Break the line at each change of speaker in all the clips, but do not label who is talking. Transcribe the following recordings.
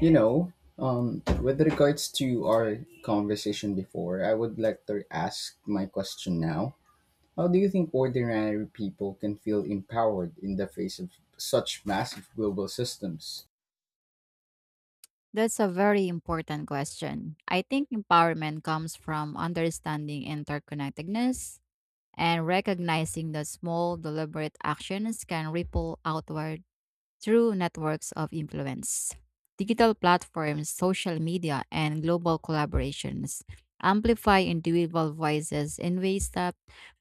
You know, with regards to our conversation before, I would like to ask my question now. How do you think ordinary people can feel empowered in the face of such massive global systems?
That's a very important question. I think empowerment comes from understanding interconnectedness and recognizing that small, deliberate actions can ripple outward through networks of influence. Digital platforms, social media, and global collaborations amplify individual voices in ways that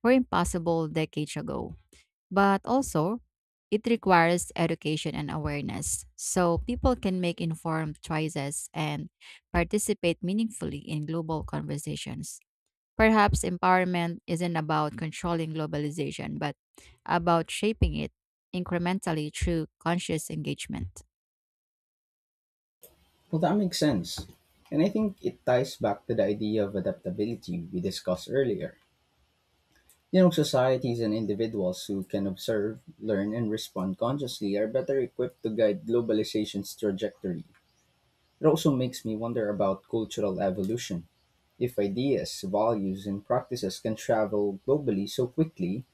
were impossible decades ago. But also, it requires education and awareness so people can make informed choices and participate meaningfully in global conversations. Perhaps empowerment isn't about controlling globalization, but about shaping it incrementally through conscious engagement.
Well, that makes sense. And I think it ties back to the idea of adaptability we discussed earlier. You know, societies and individuals who can observe, learn, and respond consciously are better equipped to guide globalization's trajectory. It also makes me wonder about cultural evolution. If ideas, values, and practices can travel globally so quickly,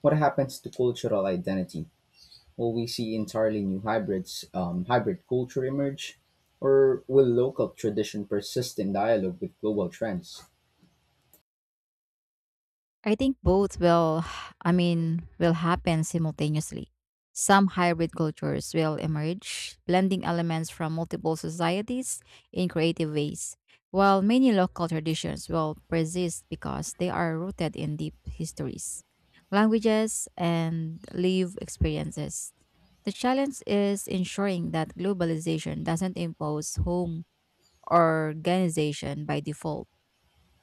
what happens to cultural identity? Will we see entirely new hybrid culture emerge? Or will local tradition persist in dialogue with global trends?
I think both will, will happen simultaneously. Some hybrid cultures will emerge, blending elements from multiple societies in creative ways, while many local traditions will persist because they are rooted in deep histories, languages, and lived experiences. The challenge is ensuring that globalization doesn't impose home organization by default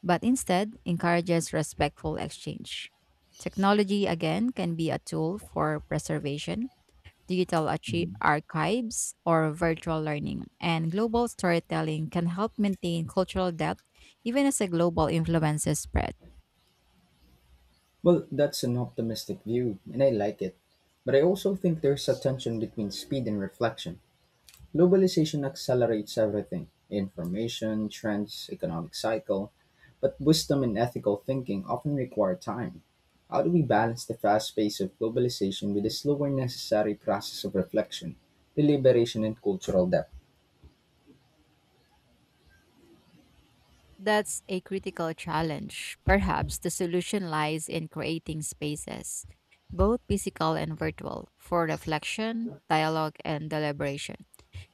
but instead encourages respectful exchange. Technology, again, can be a tool for preservation,
Mhm.
archives, or virtual learning, and global storytelling can help maintain cultural depth even as a global influences spread.
Well, that's an optimistic view, and I like it. But I also think there's a tension between speed and reflection. Globalization accelerates everything information, trends, economic cycle but wisdom and ethical thinking often require time. How do we balance the fast pace of globalization with the slower necessary process of reflection, deliberation, and cultural depth?
That's a critical challenge. Perhaps the solution lies in creating spaces, both physical and virtual, for reflection, dialogue, and deliberation.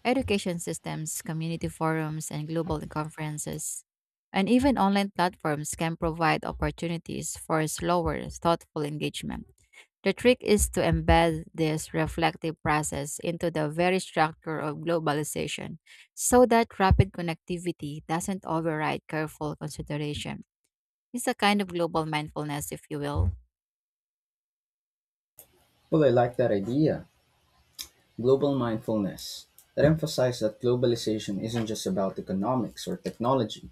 Education systems, community forums, and global conferences. And even online platforms can provide opportunities for slower, thoughtful engagement. The trick is to embed this reflective process into the very structure of globalization so that rapid connectivity doesn't override careful consideration. It's a kind of global mindfulness, if you will.
Well, I like that idea. Global mindfulness that emphasizes that globalization isn't just about economics or technology.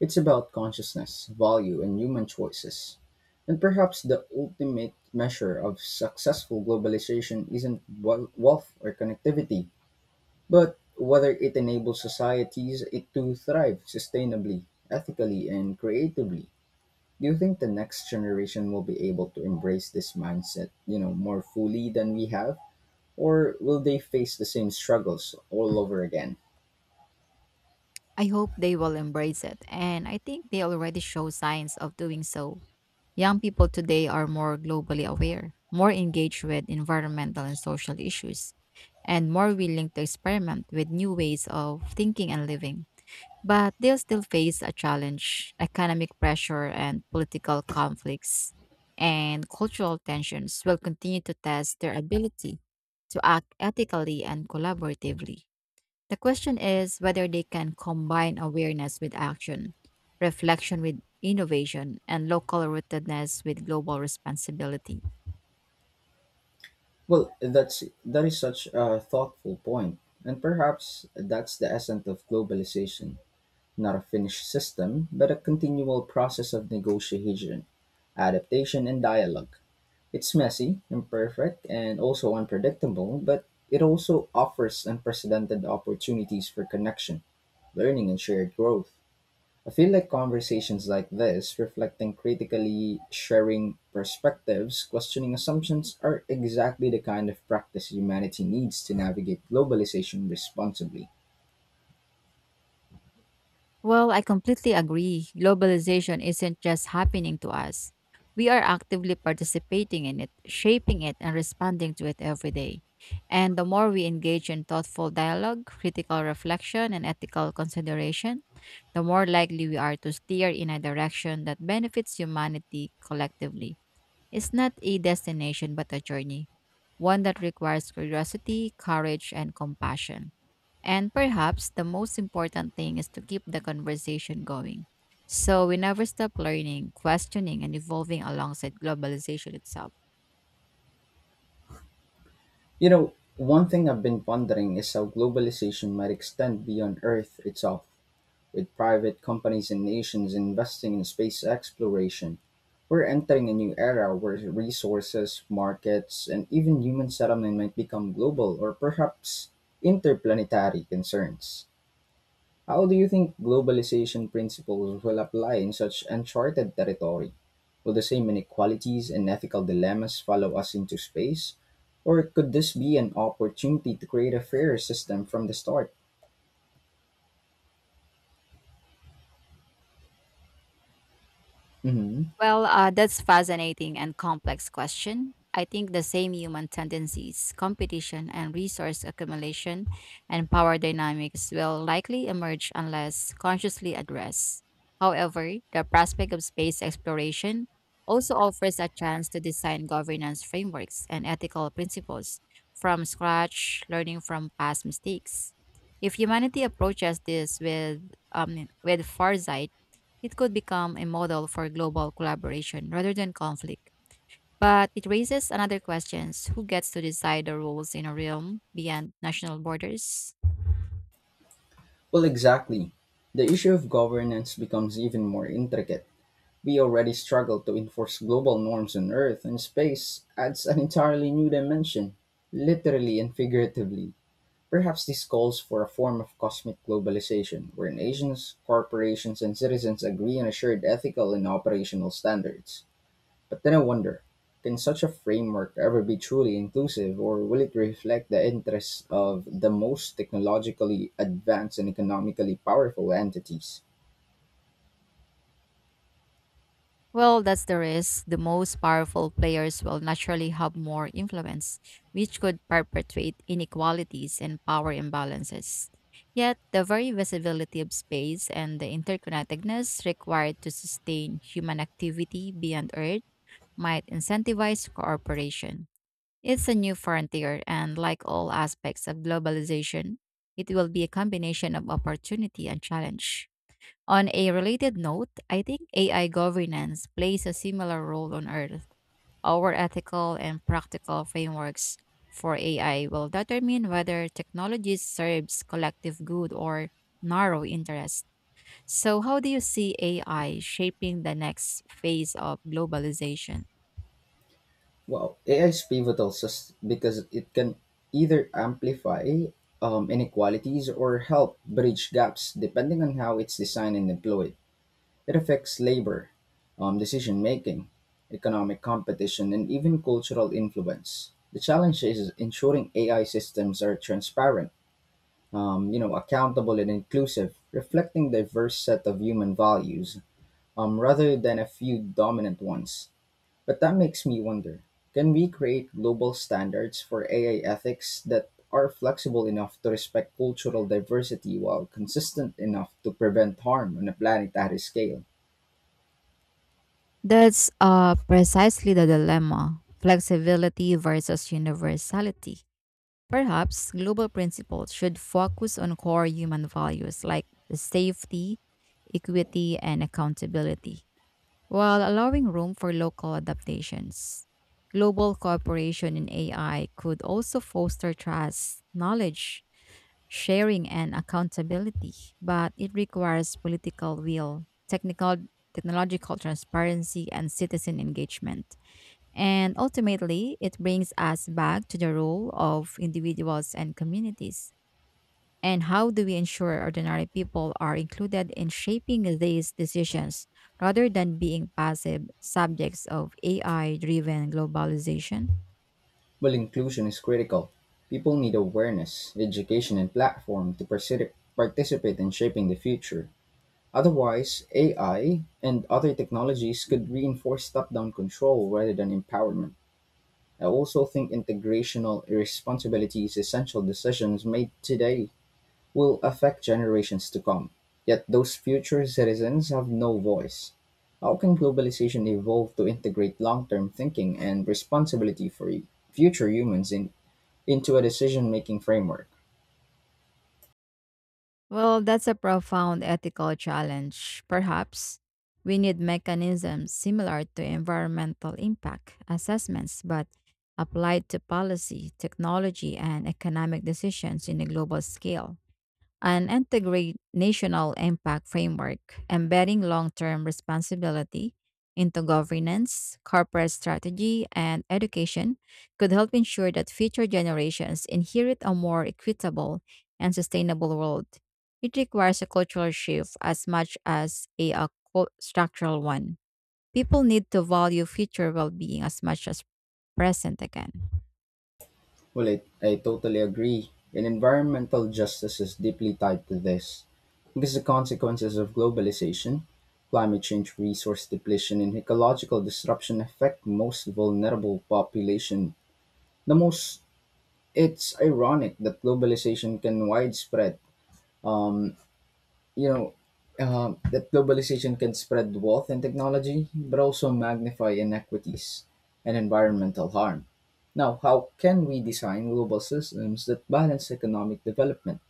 It's about consciousness, value, and human choices. And perhaps the ultimate measure of successful globalization isn't wealth or connectivity, but whether it enables societies it to thrive sustainably, ethically, and creatively. Do you think the next generation will be able to embrace this mindset, you know, more fully than we have, or will they face the same struggles all over again?
I hope they will embrace it, and I think they already show signs of doing so. Young people today are more globally aware, more engaged with environmental and social issues, and more willing to experiment with new ways of thinking and living. But they'll still face a challenge economic pressure and political conflicts, and cultural tensions will continue to test their ability to act ethically and collaboratively. The question is whether they can combine awareness with action, reflection with innovation, and local rootedness with global responsibility.
Well, that is such a thoughtful point, and perhaps that's the essence of globalization, not a finished system, but a continual process of negotiation, adaptation and dialogue. It's messy, imperfect, and also unpredictable, but it also offers unprecedented opportunities for connection, learning and shared growth. I feel like conversations like this, reflecting critically, sharing perspectives, questioning assumptions, are exactly the kind of practice humanity needs to navigate globalization responsibly.
Well, I completely agree. Globalization isn't just happening to us. We are actively participating in it, shaping it, and responding to it every day. And the more we engage in thoughtful dialogue, critical reflection, and ethical consideration, the more likely we are to steer in a direction that benefits humanity collectively. It's not a destination, but a journey, one that requires curiosity, courage, and compassion. And perhaps the most important thing is to keep the conversation going. So we never stop learning, questioning, and evolving alongside globalization itself.
You know, one thing I've been pondering is how globalization might extend beyond Earth itself. With private companies and nations investing in space exploration, we're entering a new era where resources, markets, and even human settlement might become global or perhaps interplanetary concerns. How do you think globalization principles will apply in such uncharted territory? Will the same inequalities and ethical dilemmas follow us into space? Or could this be an opportunity to create a fairer system from the start? Mhm.
Well, that's fascinating and complex question. I think the same human tendencies, competition and resource accumulation and power dynamics will likely emerge unless consciously addressed. However, the prospect of space exploration also offers a chance to design governance frameworks and ethical principles from scratch, learning from past mistakes. If humanity approaches this with foresight, it could become a model for global collaboration rather than conflict. But it raises another question who gets to decide the rules in a realm beyond national borders?
Well, exactly. The issue of governance becomes even more intricate. We already struggle to enforce global norms on Earth, and space adds an entirely new dimension, literally and figuratively. Perhaps this calls for a form of cosmic globalization, where nations, corporations, and citizens agree on a shared ethical and operational standards. But then I wonder, can such a framework ever be truly inclusive, or will it reflect the interests of the most technologically advanced and economically powerful entities?
Well, that's the risk. The most powerful players will naturally have more influence, which could perpetuate inequalities and power imbalances. Yet, the very visibility of space and the interconnectedness required to sustain human activity beyond Earth might incentivize cooperation. It's a new frontier, and like all aspects of globalization, it will be a combination of opportunity and challenge. On a related note, I think AI governance plays a similar role on Earth. Our ethical and practical frameworks for AI will determine whether technology serves collective good or narrow interest. So, how do you see AI shaping the next phase of globalization?
Well, AI is pivotal because it can either amplify inequalities or help bridge gaps depending on how it's designed and employed. It affects labor, decision making, economic competition, and even cultural influence. The challenge is ensuring AI systems are transparent, you know, accountable and inclusive, reflecting diverse set of human values, rather than a few dominant ones. But that makes me wonder, can we create global standards for AI ethics that are flexible enough to respect cultural diversity while consistent enough to prevent harm on a planetary scale?
That's precisely the dilemma flexibility versus universality. Perhaps global principles should focus on core human values like safety, equity, and accountability while allowing room for local adaptations. Global cooperation in AI could also foster trust, knowledge, sharing, and accountability, but it requires political will, technological transparency, and citizen engagement. And ultimately, it brings us back to the role of individuals and communities. And how do we ensure ordinary people are included in shaping these decisions rather than being passive subjects of AI driven globalization?
Well, inclusion is critical. People need awareness, education, and platform to participate in shaping the future. Otherwise, AI and other technologies could reinforce top down control rather than empowerment. I also think integrational irresponsibility is essential decisions made today will affect generations to come. Yet those future citizens have no voice. How can globalization evolve to integrate long term thinking and responsibility for future humans into a decision making framework?
Well, that's a profound ethical challenge. Perhaps we need mechanisms similar to environmental impact assessments, but applied to policy, technology, and economic decisions in a global scale. An integrate national impact framework, embedding long term responsibility into governance, corporate strategy, and education could help ensure that future generations inherit a more equitable and sustainable world. It requires a cultural shift as much as a structural one. People need to value future well being as much as present again.
Well, I totally agree. And environmental justice is deeply tied to this because the consequences of globalization, climate change, resource depletion, and ecological disruption affect most vulnerable population. The most it's ironic that globalization can widespread, you know that globalization can spread wealth and technology, but also magnify inequities and environmental harm. Now, how can we design global systems that balance economic development,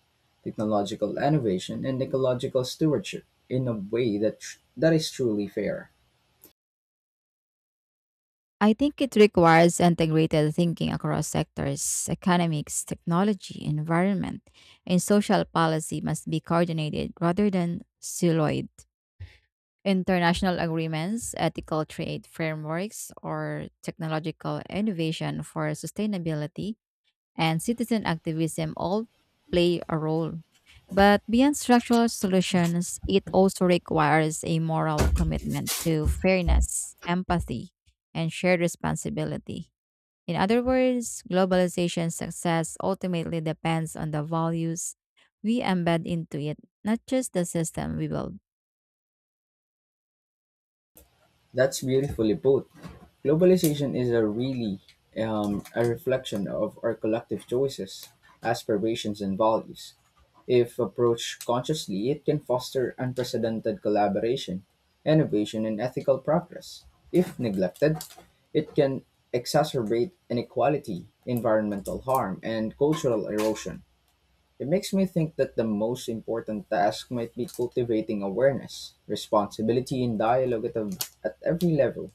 technological innovation, and ecological stewardship in a way that that is truly fair?
I think it requires integrated thinking across sectors. Economics, technology, environment, and social policy must be coordinated rather than siloed. International agreements, ethical trade frameworks, or technological innovation for sustainability and citizen activism all play a role. But beyond structural solutions, it also requires a moral commitment to fairness, empathy, and shared responsibility. In other words, globalization's success ultimately depends on the values we embed into it, not just the system we build.
That's beautifully put. Globalization is a really, a reflection of our collective choices, aspirations, and values. If approached consciously, it can foster unprecedented collaboration, innovation, and ethical progress. If neglected, it can exacerbate inequality, environmental harm, and cultural erosion. It makes me think that the most important task might be cultivating awareness, responsibility, and dialogue at every level,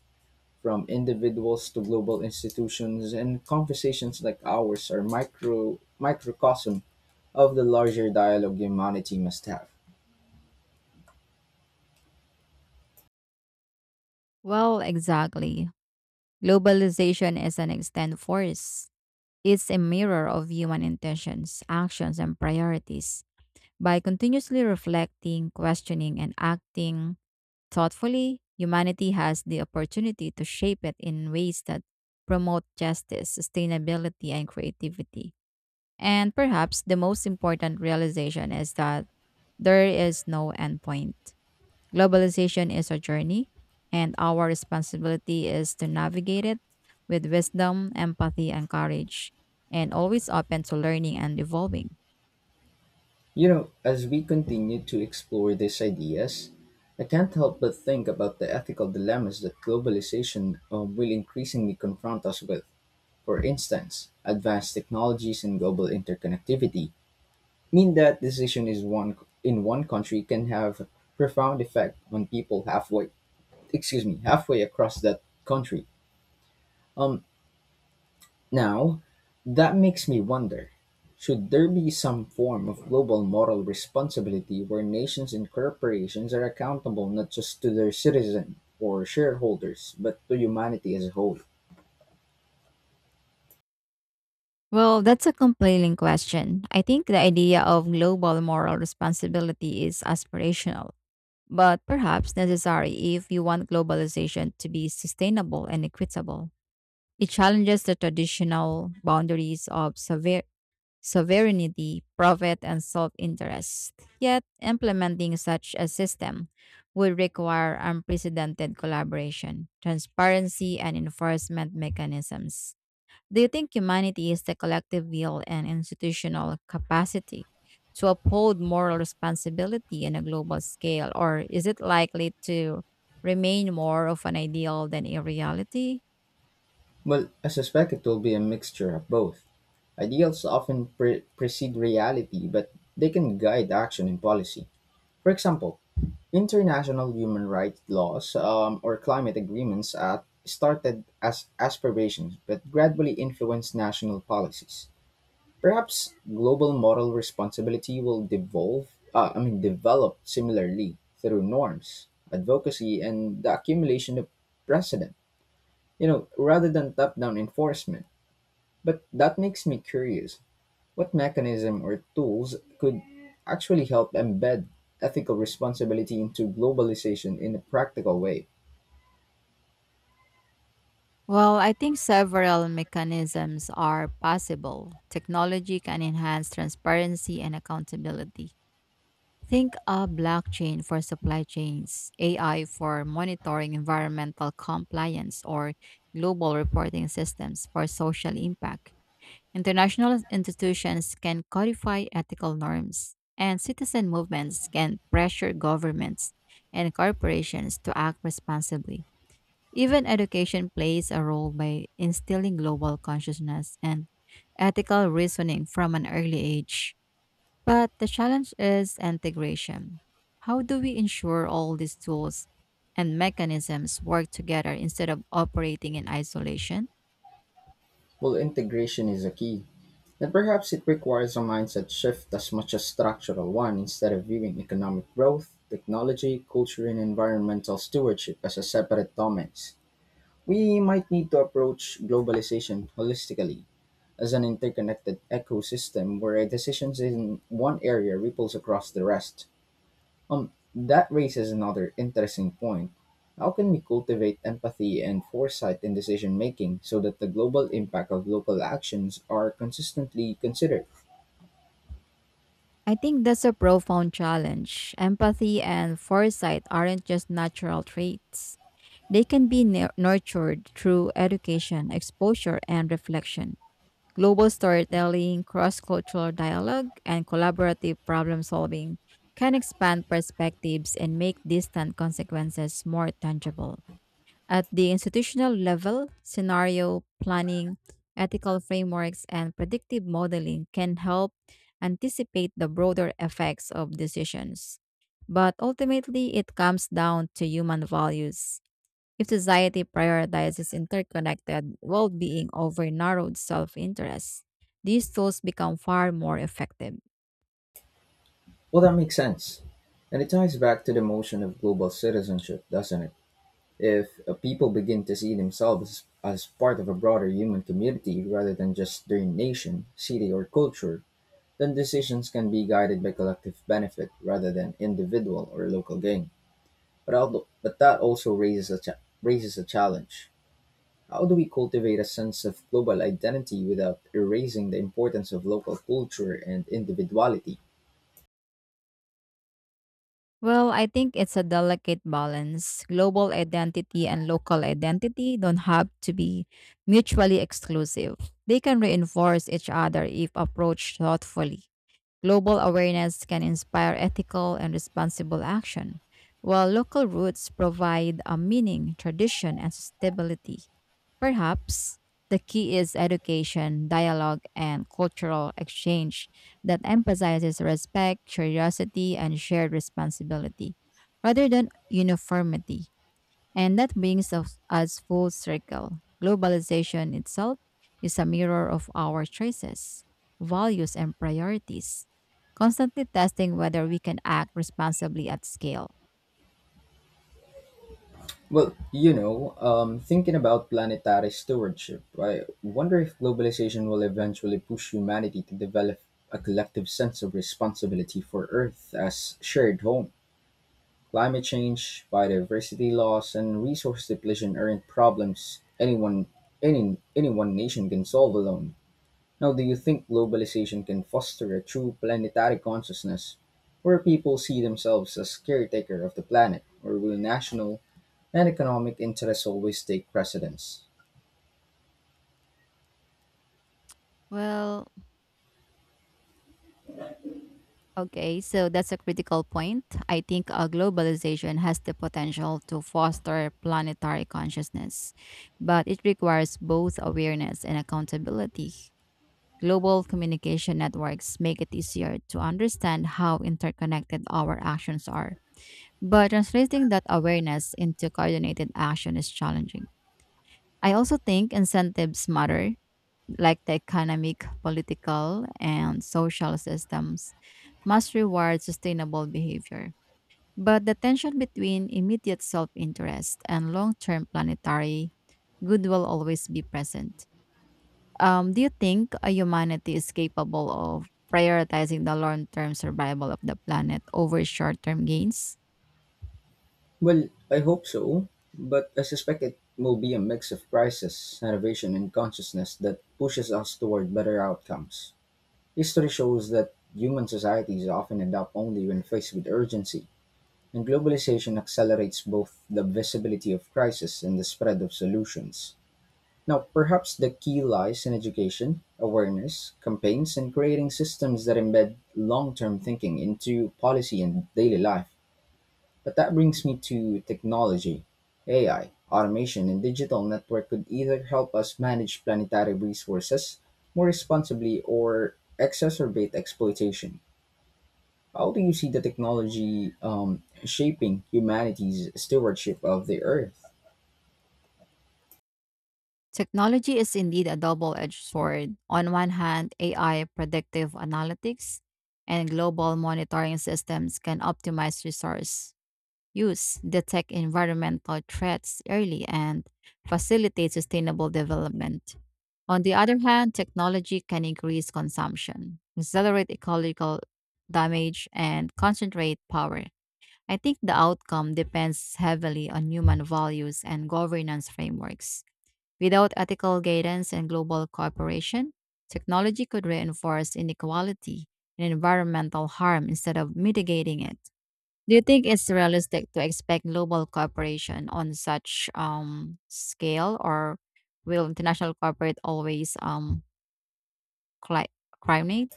from individuals to global institutions, and conversations like ours are microcosm of the larger dialogue humanity must have.
Well, exactly. Globalization is an extended force. It's a mirror of human intentions, actions, and priorities. By continuously reflecting, questioning, and acting thoughtfully, humanity has the opportunity to shape it in ways that promote justice, sustainability, and creativity. And perhaps the most important realization is that there is no endpoint. Globalization is a journey, and our responsibility is to navigate it with wisdom, empathy, and courage, and always open to learning and evolving.
You know, as we continue to explore these ideas, I can't help but think about the ethical dilemmas that globalization will increasingly confront us with. For instance, advanced technologies and global interconnectivity mean that decision is one in one country can have profound effect on people halfway excuse me halfway across that country. Um now that makes me wonder, should there be some form of global moral responsibility where nations and corporations are accountable not just to their citizen or shareholders but to humanity as a whole?
Well, that's a compelling question. I think the idea of global moral responsibility is aspirational, but perhaps necessary if you want globalization to be sustainable and equitable. It challenges the traditional boundaries of sovereignty, profit, and self interest. Yet, implementing such a system would require unprecedented collaboration, transparency, and enforcement mechanisms. Do you think humanity is the collective will and institutional capacity to uphold moral responsibility on a global scale, or is it likely to remain more of an ideal than a reality?
Well, I suspect it will be a mixture of both. Ideals often precede reality, but they can guide action and policy. For example, international human rights laws, or climate agreements, started as aspirations but gradually influenced national policies. Perhaps global moral responsibility will develop similarly through norms, advocacy, and the accumulation of precedent. You know, rather than top-down enforcement. But that makes me curious, what mechanism or tools could actually help embed ethical responsibility into globalization in a practical way?
Well, I think several mechanisms are possible. Technology can enhance transparency and accountability. Think of blockchain for supply chains, AI for monitoring environmental compliance, or global reporting systems for social impact. International institutions can codify ethical norms, and citizen movements can pressure governments and corporations to act responsibly. Even education plays a role by instilling global consciousness and ethical reasoning from an early age. But the challenge is integration. How do we ensure all these tools and mechanisms work together instead of operating in isolation?
Well, integration is a key, and perhaps it requires a mindset shift as much as structural one instead of viewing economic growth, technology, culture, and environmental stewardship as a separate domains. We might need to approach globalization holistically as an interconnected ecosystem where decisions in one area ripples across the rest. That raises another interesting point. How can we cultivate empathy and foresight in decision making so that the global impact of local actions are consistently considered?
I think that's a profound challenge. Empathy and foresight aren't just natural traits, they can be nurtured through education, exposure, and reflection. Global storytelling, cross cultural dialogue, and collaborative problem solving can expand perspectives and make distant consequences more tangible. At the institutional level, scenario planning, ethical frameworks, and predictive modeling can help anticipate the broader effects of decisions. But ultimately, it comes down to human values if society prioritizes interconnected well being over narrowed self interest, these tools become far more effective.
Well, that makes sense. And it ties back to the motion of global citizenship, doesn't it? If people begin to see themselves as part of a broader human community rather than just their nation, city, or culture, then decisions can be guided by collective benefit rather than individual or local gain. But that also raises raises a challenge. How do we cultivate a sense of global identity without erasing the importance of local culture and individuality?
Well, I think it's a delicate balance. Global identity and local identity don't have to be mutually exclusive. They can reinforce each other if approached thoughtfully. Global awareness can inspire ethical and responsible action, while local roots provide a meaning, tradition, and sustainability. Perhaps the key is education, dialogue, and cultural exchange that emphasizes respect, curiosity, and shared responsibility rather than uniformity. And that brings us full circle. Globalization itself is a mirror of our choices, values, and priorities, constantly testing whether we can act responsibly at scale.
Well, thinking about planetary stewardship, I wonder if globalization will eventually push humanity to develop a collective sense of responsibility for Earth as shared home. Climate change, biodiversity loss, and resource depletion aren't problems any one nation can solve alone. Now, do you think globalization can foster a true planetary consciousness where people see themselves as caretaker of the planet, or will national and economic interests always take precedence?
Well, okay, so that's a critical point. I think globalization has the potential to foster planetary consciousness, but it requires both awareness and accountability. Global communication networks make it easier to understand how interconnected our actions are, but translating that awareness into coordinated action is challenging. I also think incentives matter like the economic, political, and social systems, must reward sustainable behavior. But the tension between immediate self interest and long term planetary good will always be present. Do you think a humanity is capable of prioritizing the long term survival of the planet over short term gains?
Well, I hope so, but I suspect it will be a mix of crisis, innovation, and consciousness that pushes us toward better outcomes. History shows that human societies often adapt only when faced with urgency, and globalization accelerates both the visibility of crisis and the spread of solutions. Now, perhaps the key lies in education, awareness, campaigns, and creating systems that embed long term thinking into policy and daily life. But that brings me to technology. AI, automation, and digital network could either help us manage planetary resources more responsibly or exacerbate exploitation. How do you see the technology, shaping humanity's stewardship of the Earth?
Technology is indeed a double edged sword. On one hand, AI predictive analytics and global monitoring systems can optimize resource use, detect environmental threats early, and facilitate sustainable development. On the other hand, technology can increase consumption, accelerate ecological damage, and concentrate power. I think the outcome depends heavily on human values and governance frameworks. Without ethical guidance and global cooperation, technology could reinforce inequality and environmental harm instead of mitigating it. Do you think it's realistic to expect global cooperation on such scale, or will international cooperate always cli- coordinate?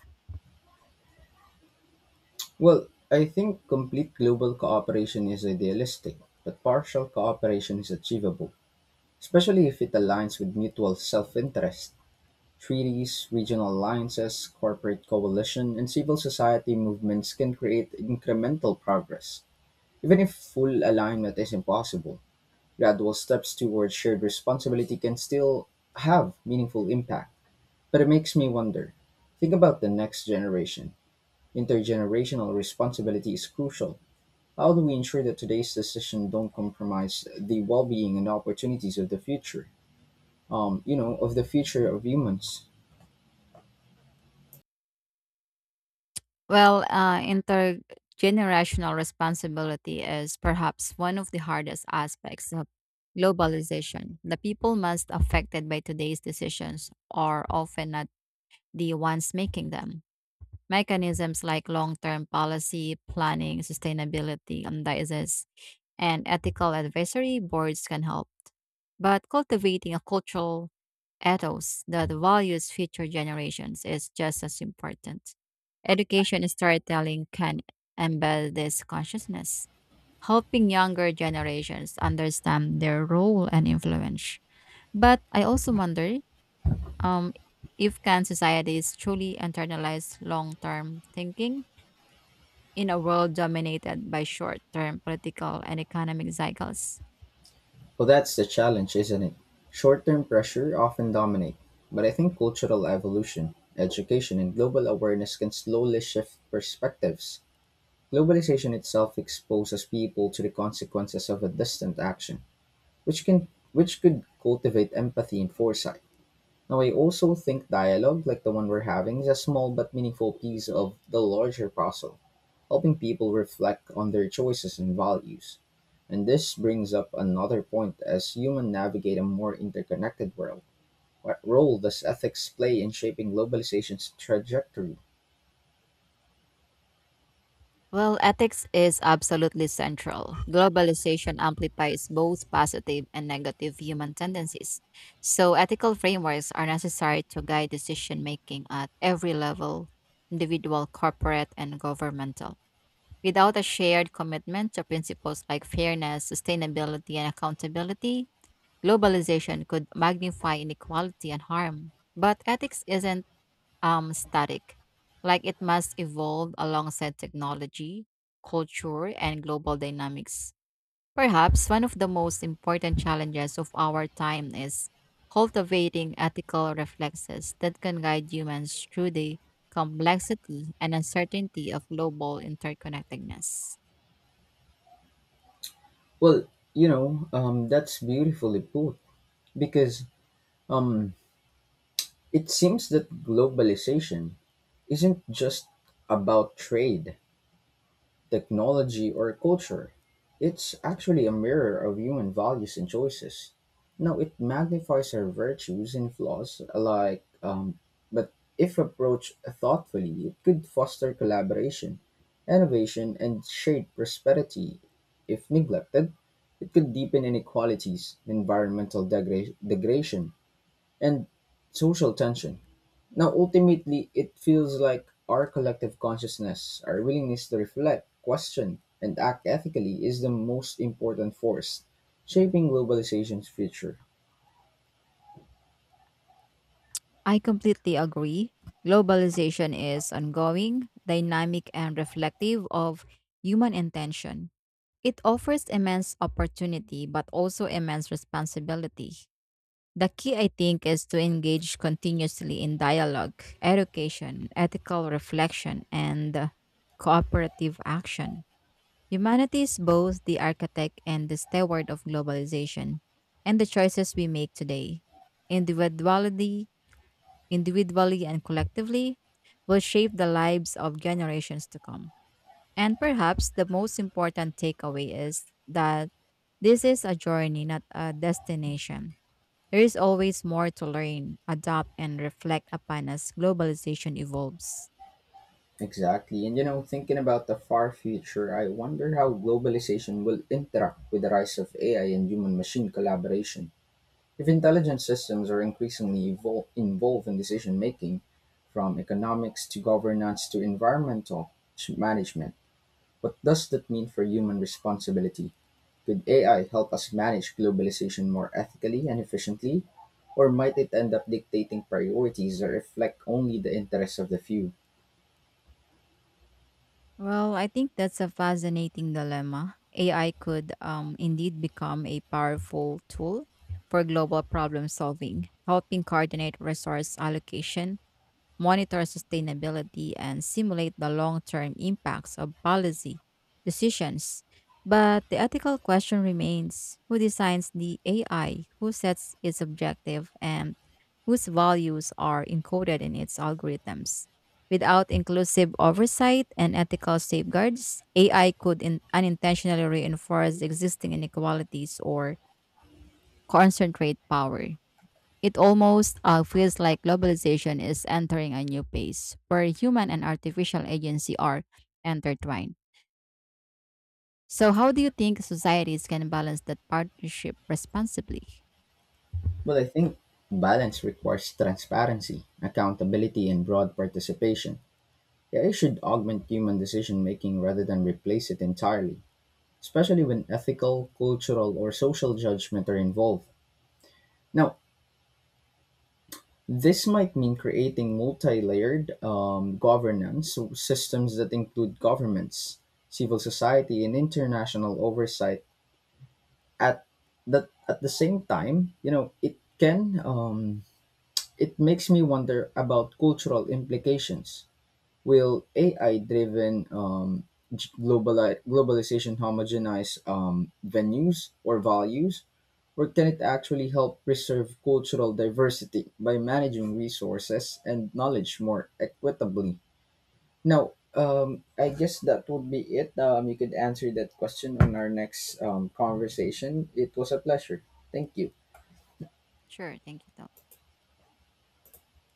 Well, I think complete global cooperation is idealistic, but partial cooperation is achievable, especially if it aligns with mutual self interest. Treaties, regional alliances, corporate coalition, and civil society movements can create incremental progress. Even if full alignment is impossible, gradual steps towards shared responsibility can still have meaningful impact. But it makes me wonder think about the next generation. Intergenerational responsibility is crucial. How do we ensure that today's decisions don't compromise the well being and opportunities of the future? You know, of the future of humans.
Well, intergenerational responsibility is perhaps one of the hardest aspects of globalization. The people most affected by today's decisions are often not the ones making them. Mechanisms like long term policy, planning, sustainability, and diocese, and ethical advisory boards can help. But cultivating a cultural ethos that values future generations is just as important. Education and storytelling can embed this consciousness, helping younger generations understand their role and influence. But I also wonder um, if can societies truly internalize long-term thinking in a world dominated by short-term political and economic cycles.
Well, that's the challenge, isn't it? Short term pressure often dominate, but I think cultural evolution, education, and global awareness can slowly shift perspectives. Globalization itself exposes people to the consequences of a distant action, which can which could cultivate empathy and foresight. Now, I also think dialogue, like the one we're having, is a small but meaningful piece of the larger puzzle, helping people reflect on their choices and values. And this brings up another point as humans navigate a more interconnected world. What role does ethics play in shaping globalization's trajectory?
Well, ethics is absolutely central. Globalization amplifies both positive and negative human tendencies. So, ethical frameworks are necessary to guide decision making at every level individual, corporate, and governmental. Without a shared commitment to principles like fairness, sustainability, and accountability, globalization could magnify inequality and harm. But ethics isn't static, like it must evolve alongside technology, culture, and global dynamics. Perhaps one of the most important challenges of our time is cultivating ethical reflexes that can guide humans through the complexity and uncertainty of global interconnectedness.
Well, that's beautifully put because it seems that globalization isn't just about trade, technology, or culture. It's actually a mirror of human values and choices. Now, it magnifies our virtues and flaws, but if approached thoughtfully, it could foster collaboration, innovation, and shared prosperity. If neglected, it could deepen inequalities, environmental degradation, and social tension. Now, ultimately, it feels like our collective consciousness, our willingness to reflect, question, and act ethically is the most important force shaping globalization's future.
I completely agree. Globalization is ongoing, dynamic, and reflective of human intention. It offers immense opportunity, but also immense responsibility. The key, I think, is to engage continuously in dialogue, education, ethical reflection, and cooperative action. Humanity is both the architect and the steward of globalization and the choices we make today. individually, Individually and collectively, will shape the lives of generations to come. And perhaps the most important takeaway is that this is a journey, not a destination. There is always more to learn, adopt, and reflect upon as globalization evolves.
Exactly. And you know, thinking about the far future, I wonder how globalization will interact with the rise of AI and human machine collaboration. If intelligent systems are increasingly involved in decision making, from economics to governance to environmental management, what does that mean for human responsibility? Could AI help us manage globalization more ethically and efficiently? Or might it end up dictating priorities that reflect only the interests of the few?
Well, I think that's a fascinating dilemma. AI could indeed become a powerful tool for global problem solving, helping coordinate resource allocation, monitor sustainability, and simulate the long term impacts of policy decisions. But the ethical question remains who designs the AI, who sets its objective, and whose values are encoded in its algorithms? Without inclusive oversight and ethical safeguards, AI could unintentionally reinforce existing inequalities or concentrate power. It almost feels like globalization is entering a new phase where human and artificial agency are intertwined. So, how do you think societies can balance that partnership responsibly?
Well, I think balance requires transparency, accountability, and broad participation. AI should augment human decision making rather than replace it entirely, especially when ethical, cultural, or social judgment are involved. Now, this might mean creating multi-layered, systems that include governments, civil society, and international oversight. At at the same time, you know, it can it makes me wonder about cultural implications. Will AI-driven globalization homogenize, venues or values, or can it actually help preserve cultural diversity by managing resources and knowledge more equitably? Now, I guess that would be it. You could answer that question on our next, conversation. It was a pleasure. Thank you.
Sure, thank you, Tom.